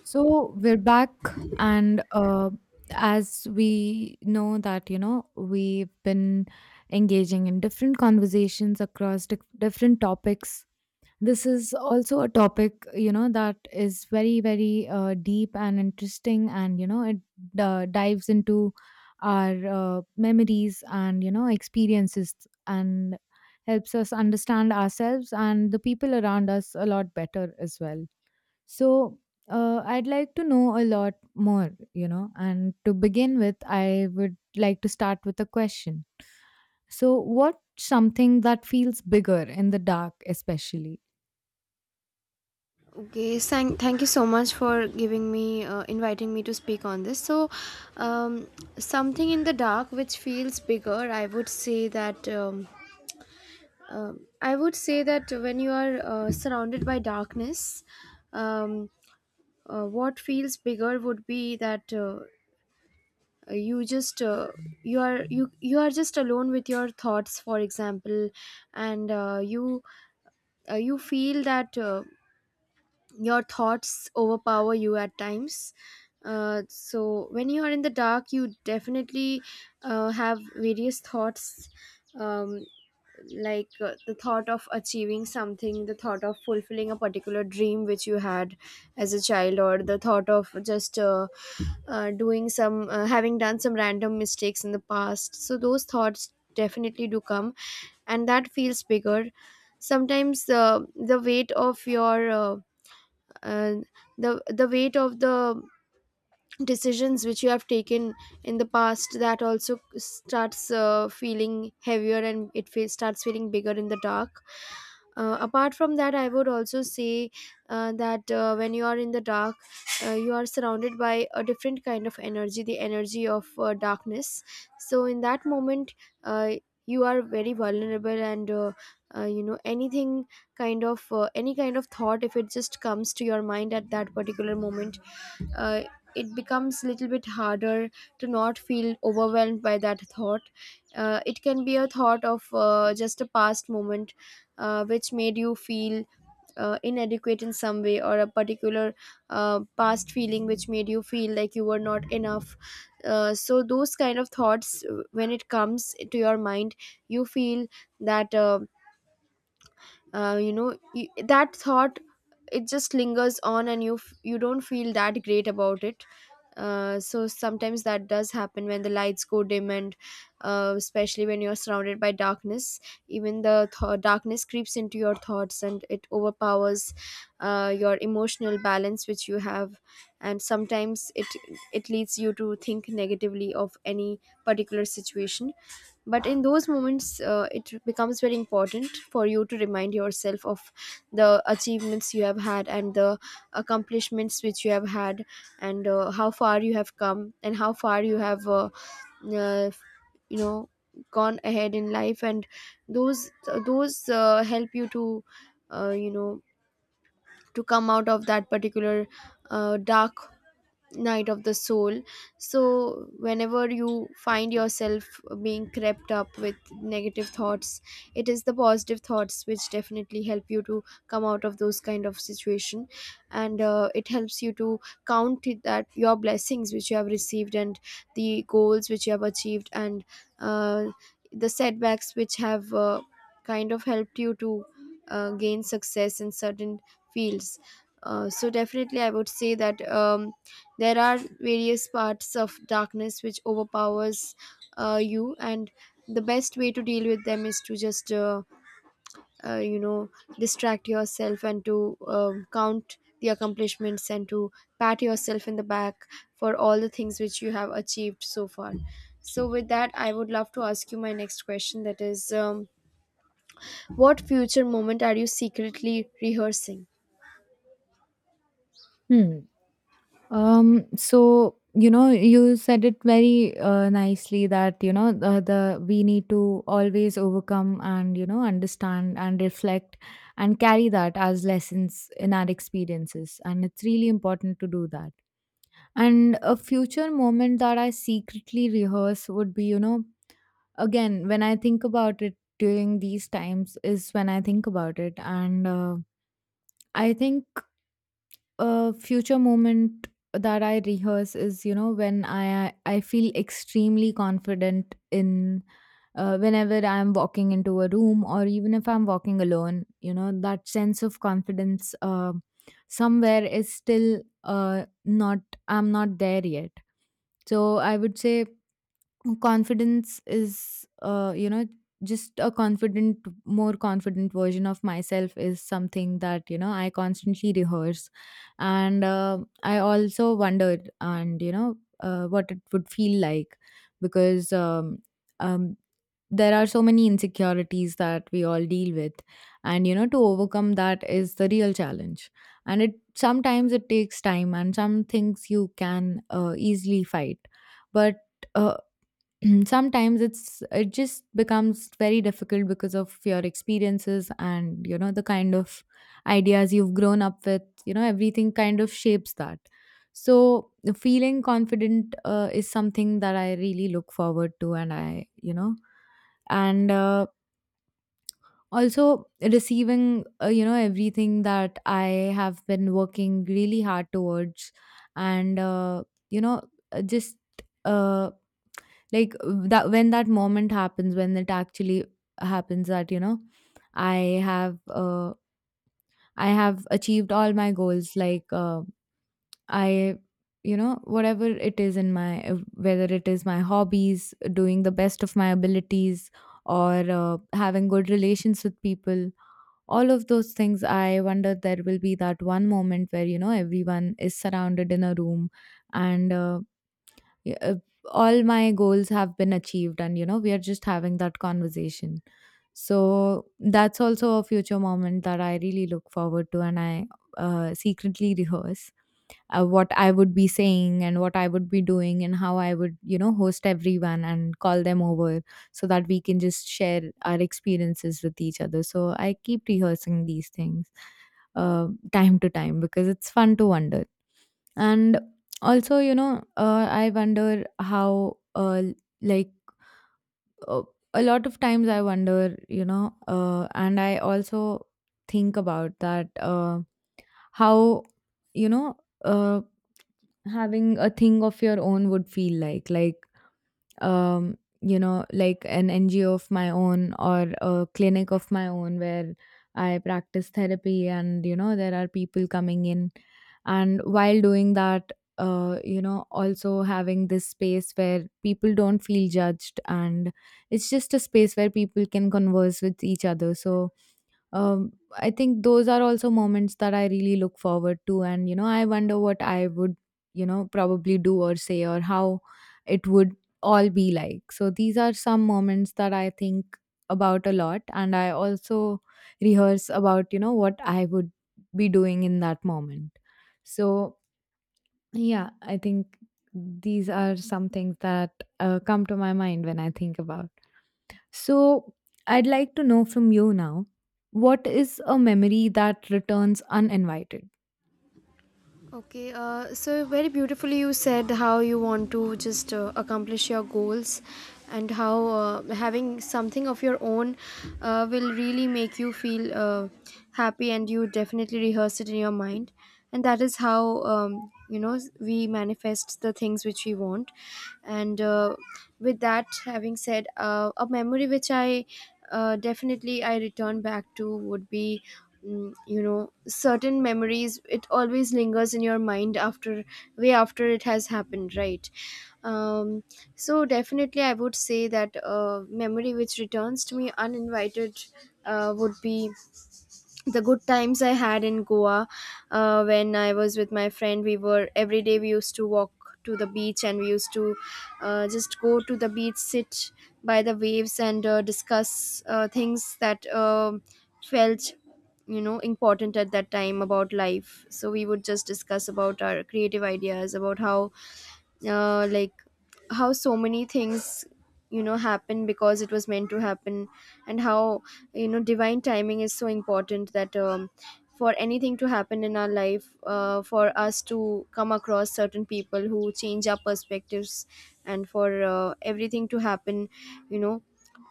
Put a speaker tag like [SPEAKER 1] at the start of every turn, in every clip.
[SPEAKER 1] So we're back, and as we know that, you know, we've been engaging in different conversations across different topics. This is also a topic, you know, that is very, very deep and interesting, and, you know, it dives into our memories and, you know, experiences and helps us understand ourselves and the people around us a lot better as well. So I'd like to know a lot more, you know. And to begin with, I would like to start with a question. So, what something that feels bigger in the dark, especially?
[SPEAKER 2] Okay, thank you so much for giving me, inviting me to speak on this. So, um, something in the dark which feels bigger, I would say that, I would say that when you are surrounded by darkness, um, what feels bigger would be that you just you are just alone with your thoughts, for example, and you feel that. Your thoughts overpower you at times, so when you are in the dark you definitely have various thoughts, um, like the thought of achieving something, the thought of fulfilling a particular dream which you had as a child, or the thought of just doing some having done some random mistakes in the past. So those thoughts definitely do come and that feels bigger sometimes. The weight of your and the weight of the decisions which you have taken in the past, that also starts feeling heavier, and it starts feeling bigger in the dark. Apart from that, I would also say that when you are in the dark, you are surrounded by a different kind of energy, the energy of darkness. So in that moment, uh, you are very vulnerable, and you know, anything, kind of any kind of thought, if it just comes to your mind at that particular moment, uh, it becomes a little bit harder to not feel overwhelmed by that thought. It can be a thought of just a past moment which made you feel inadequate in some way, or a particular past feeling which made you feel like you were not enough. So, those kind of thoughts, when it comes to your mind, you feel that. You know, that thought, it just lingers on and you don't feel that great about it. So sometimes that does happen when the lights go dim, and especially when you're surrounded by darkness, even the darkness creeps into your thoughts and it overpowers your emotional balance which you have. And sometimes it leads you to think negatively of any particular situation. But in those moments, it becomes very important for you to remind yourself of the achievements you have had and the accomplishments which you have had, and how far you have come and how far you have uh, you know gone ahead in life. And those help you to uh, you know to come out of that particular dark night of the soul. So whenever you find yourself being crept up with negative thoughts, it is the positive thoughts which definitely help you to come out of those kind of situation. And it helps you to count it that your blessings which you have received, and the goals which you have achieved, and uh, the setbacks which have kind of helped you to gain success in certain fields. So definitely I would say that, there are various parts of darkness which overpowers you, and the best way to deal with them is to just uh, you know distract yourself and to count the accomplishments and to pat yourself in the back for all the things which you have achieved so far. So, with that, I would love to ask you my next question, that is, what future moment are you secretly rehearsing?
[SPEAKER 1] Hmm. So you know, you said it very nicely that you know the we need to always overcome and you know understand and reflect and carry that as lessons in our experiences, and it's really important to do that. And a future moment that I secretly rehearse would be, you know, again, when I think about it during these times, is when I think about it. And I think a future moment that I rehearse is, you know, when I feel extremely confident in. Whenever I'm walking into a room, or even if I'm walking alone, you know that sense of confidence somewhere is still not. I'm not there yet, so I would say confidence is you know, just a confident more confident version of myself is something that you know I constantly rehearse. And I also wondered and you know what it would feel like, because um, there are so many insecurities that we all deal with, and you know to overcome that is the real challenge. And it sometimes it takes time, and some things you can easily fight, but uh, sometimes it just becomes very difficult because of your experiences, and you know the kind of ideas you've grown up with, you know everything kind of shapes that. So feeling confident is something that I really look forward to, and I, you know, and also receiving, you know, everything that I have been working really hard towards. And you know, just, uh, like, that when that moment happens, when it actually happens, that, you know, I have uh I have achieved all my goals. Like, I, you know, whatever it is in my, whether it is my hobbies, doing the best of my abilities, or having good relations with people, all of those things, I wonder there will be that one moment where you know everyone is surrounded in a room, and y- uh, all my goals have been achieved, and you know we are just having that conversation. So that's also a future moment that I really look forward to, and I secretly rehearse what I would be saying and what I would be doing and how I would, you know, host everyone and call them over, so that we can just share our experiences with each other. So I keep rehearsing these things time to time, because it's fun to wonder. And also, you know, I wonder how, like, uh, a lot of times I wonder, you know, and I also think about that, how, you know, uh, having a thing of your own would feel like, you know, like an NGO of my own or a clinic of my own where I practice therapy and, you know, there are people coming in. And while doing that, you know, also having this space where people don't feel judged, and it's just a space where people can converse with each other. So, I think those are also moments that I really look forward to. And, you know, I wonder what I would, you know, probably do or say, or how it would all be like. So these are some moments that I think about a lot, and I also rehearse about, you know, what I would be doing in that moment. So yeah, I think these are some things that come to my mind when I think about. So I'd like to know from you now, what is a memory that returns uninvited?
[SPEAKER 2] Okay, so very beautifully you said how you want to just accomplish your goals, and how having something of your own will really make you feel happy, and you definitely rehearse it in your mind. And that is how, you know, we manifest the things which we want. And with that having said, a memory which I definitely I return back to would be, you know, certain memories, it always lingers in your mind after, way after it has happened, right? um, so definitely I would say that memory which returns to me uninvited would be the good times I had in Goa when I was with my friend. We were every day, we used to walk to the beach, and we used to just go to the beach, sit by the waves, and discuss things that felt, you know, important at that time about life. So we would just discuss about our creative ideas, about how uh, like how so many things, you know, happen because it was meant to happen, and how, you know, divine timing is so important, that, for anything to happen in our life, for us to come across certain people who change our perspectives, and for everything to happen, you know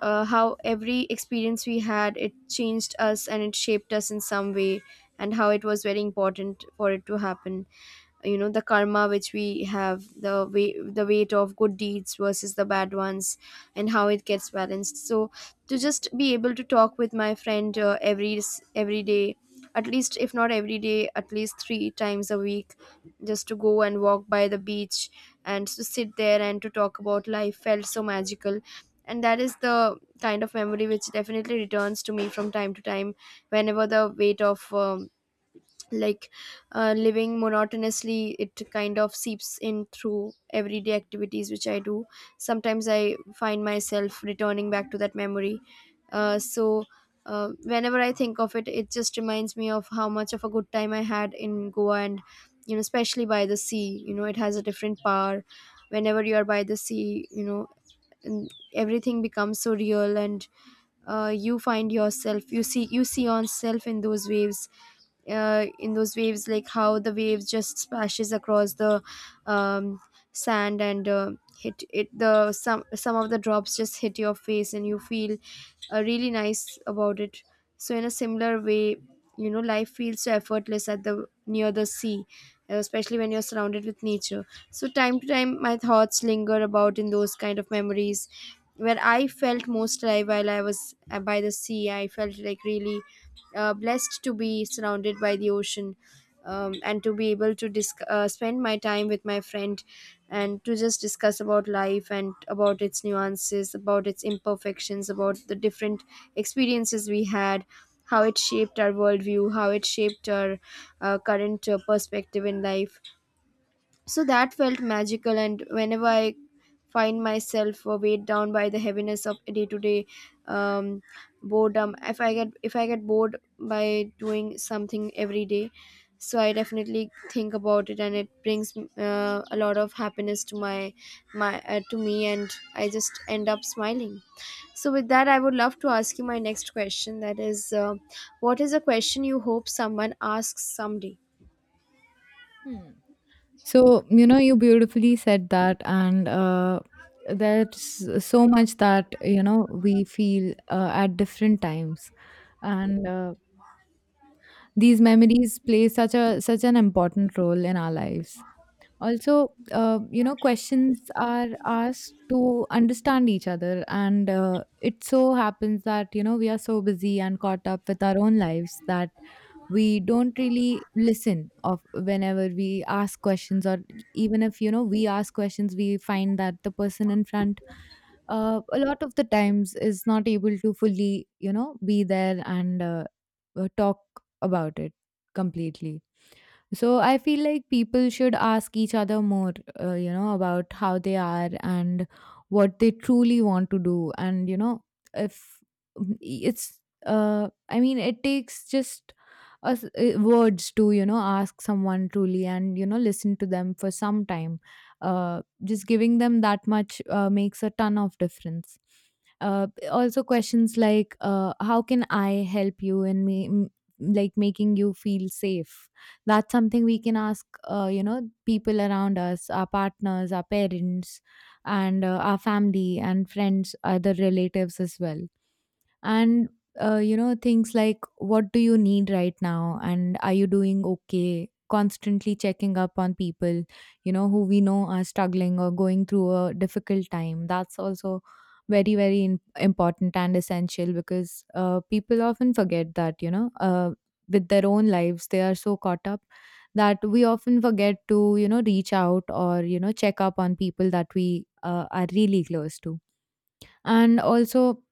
[SPEAKER 2] how every experience we had, it changed us and it shaped us in some way, and how it was very important for it to happen. You know, the karma which we have, the way the weight of good deeds versus the bad ones, and how it gets balanced. So to just be able to talk with my friend every day, at least, if not every day, at least three times a week, just to go and walk by the beach and to sit there and to talk about life felt so magical. And that is the kind of memory which definitely returns to me from time to time, whenever the weight of like living monotonously, it kind of seeps in through everyday activities which I do. Sometimes I find myself returning back to that memory. uh, so Whenever I think of it, it just reminds me of how much of a good time I had in Goa. And, you know, especially by the sea, you know, it has a different power. Whenever you are by the sea, you know, and everything becomes so real, and you find yourself, you see yourself in those waves, like how the waves just splashes across the um, sand, and hit it the some of the drops just hit your face and you feel really nice about it. So in a similar way, you know, life feels so effortless at the near the sea, especially when you're surrounded with nature. So time to time, my thoughts linger about in those kind of memories where I felt most alive while I was by the sea. I felt like really blessed to be surrounded by the ocean. And to be able to spend my time with my friend and to just discuss about life and about its nuances, about its imperfections, about the different experiences we had, how it shaped our worldview, how it shaped our current perspective in life. So that felt magical. And whenever I find myself weighed down by the heaviness of day to day um boredom, if I get bored by doing something every day, so I definitely think about it, and it brings a lot of happiness to my my to me, and I just end up smiling. So with that, I would love to ask you my next question. That is, what is a question you hope someone asks someday?
[SPEAKER 1] Hmm. So, you know, you beautifully said that, and there's so much that, you know, we feel at different times. And these memories play such a such an important role in our lives. Also, you know, questions are asked to understand each other, and it so happens that you know we are so busy and caught up with our own lives, that we don't really listen of whenever we ask questions. Or even if you know we ask questions, we find that the person in front, a lot of the times, is not able to fully, you know, be there, and talk about it completely. So I feel like people should ask each other more, you know, about how they are and what they truly want to do. And, you know, if, it's, I mean, it takes just us words to, you know, ask someone truly and, you know, listen to them for some time. Just giving them that much makes a ton of difference. Also, questions like, how can I help you in like making you feel safe? That's something we can ask, you know, people around us, our partners, our parents, and our family and friends, other relatives as well. And, you know, things like what do you need right now, and are you doing okay, constantly checking up on people, you know, who we know are struggling or going through a difficult time. That's also very, very important and essential, because people often forget that, you know, with their own lives they are so caught up, that we often forget to, you know, reach out or, you know, check up on people that we are really close to. And also,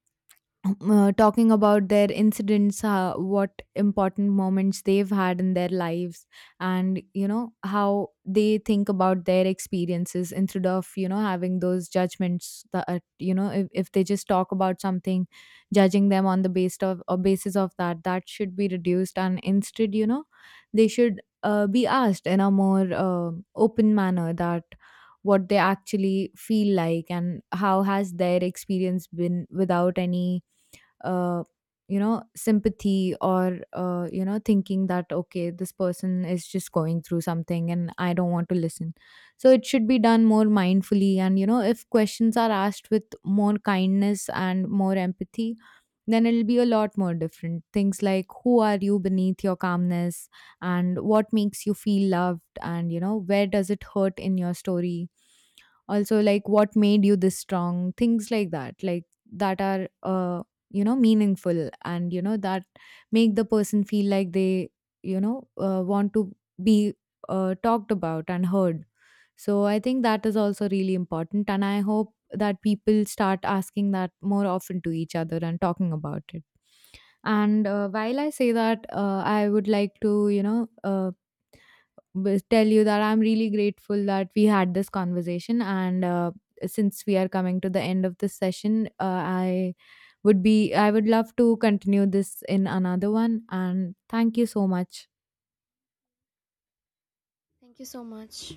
[SPEAKER 1] talking about their incidents, what important moments they've had in their lives, and you know how they think about their experiences, instead of, you know, having those judgments. That, you know, if they just talk about something, judging them on the based of or basis of that, that should be reduced, and instead, you know, they should be asked in a more open manner, that what they actually feel like, and how has their experience been without any uh, you know sympathy, or you know thinking that okay this person is just going through something and I don't want to listen. So it should be done more mindfully, and you know, if questions are asked with more kindness and more empathy, then it'll be a lot more different. Things like who are you beneath your calmness, and what makes you feel loved, and you know where does it hurt in your story, also like what made you this strong, things like that, like that are, you know, meaningful, and you know that make the person feel like they, you know, want to be, talked about and heard. So I think that is also really important, and I hope that people start asking that more often to each other and talking about it. And while I say that, I would like to, you know, tell you that I'm really grateful that we had this conversation. And since we are coming to the end of this session, I would love to continue this in another one. And thank you so much.
[SPEAKER 2] Thank you so much.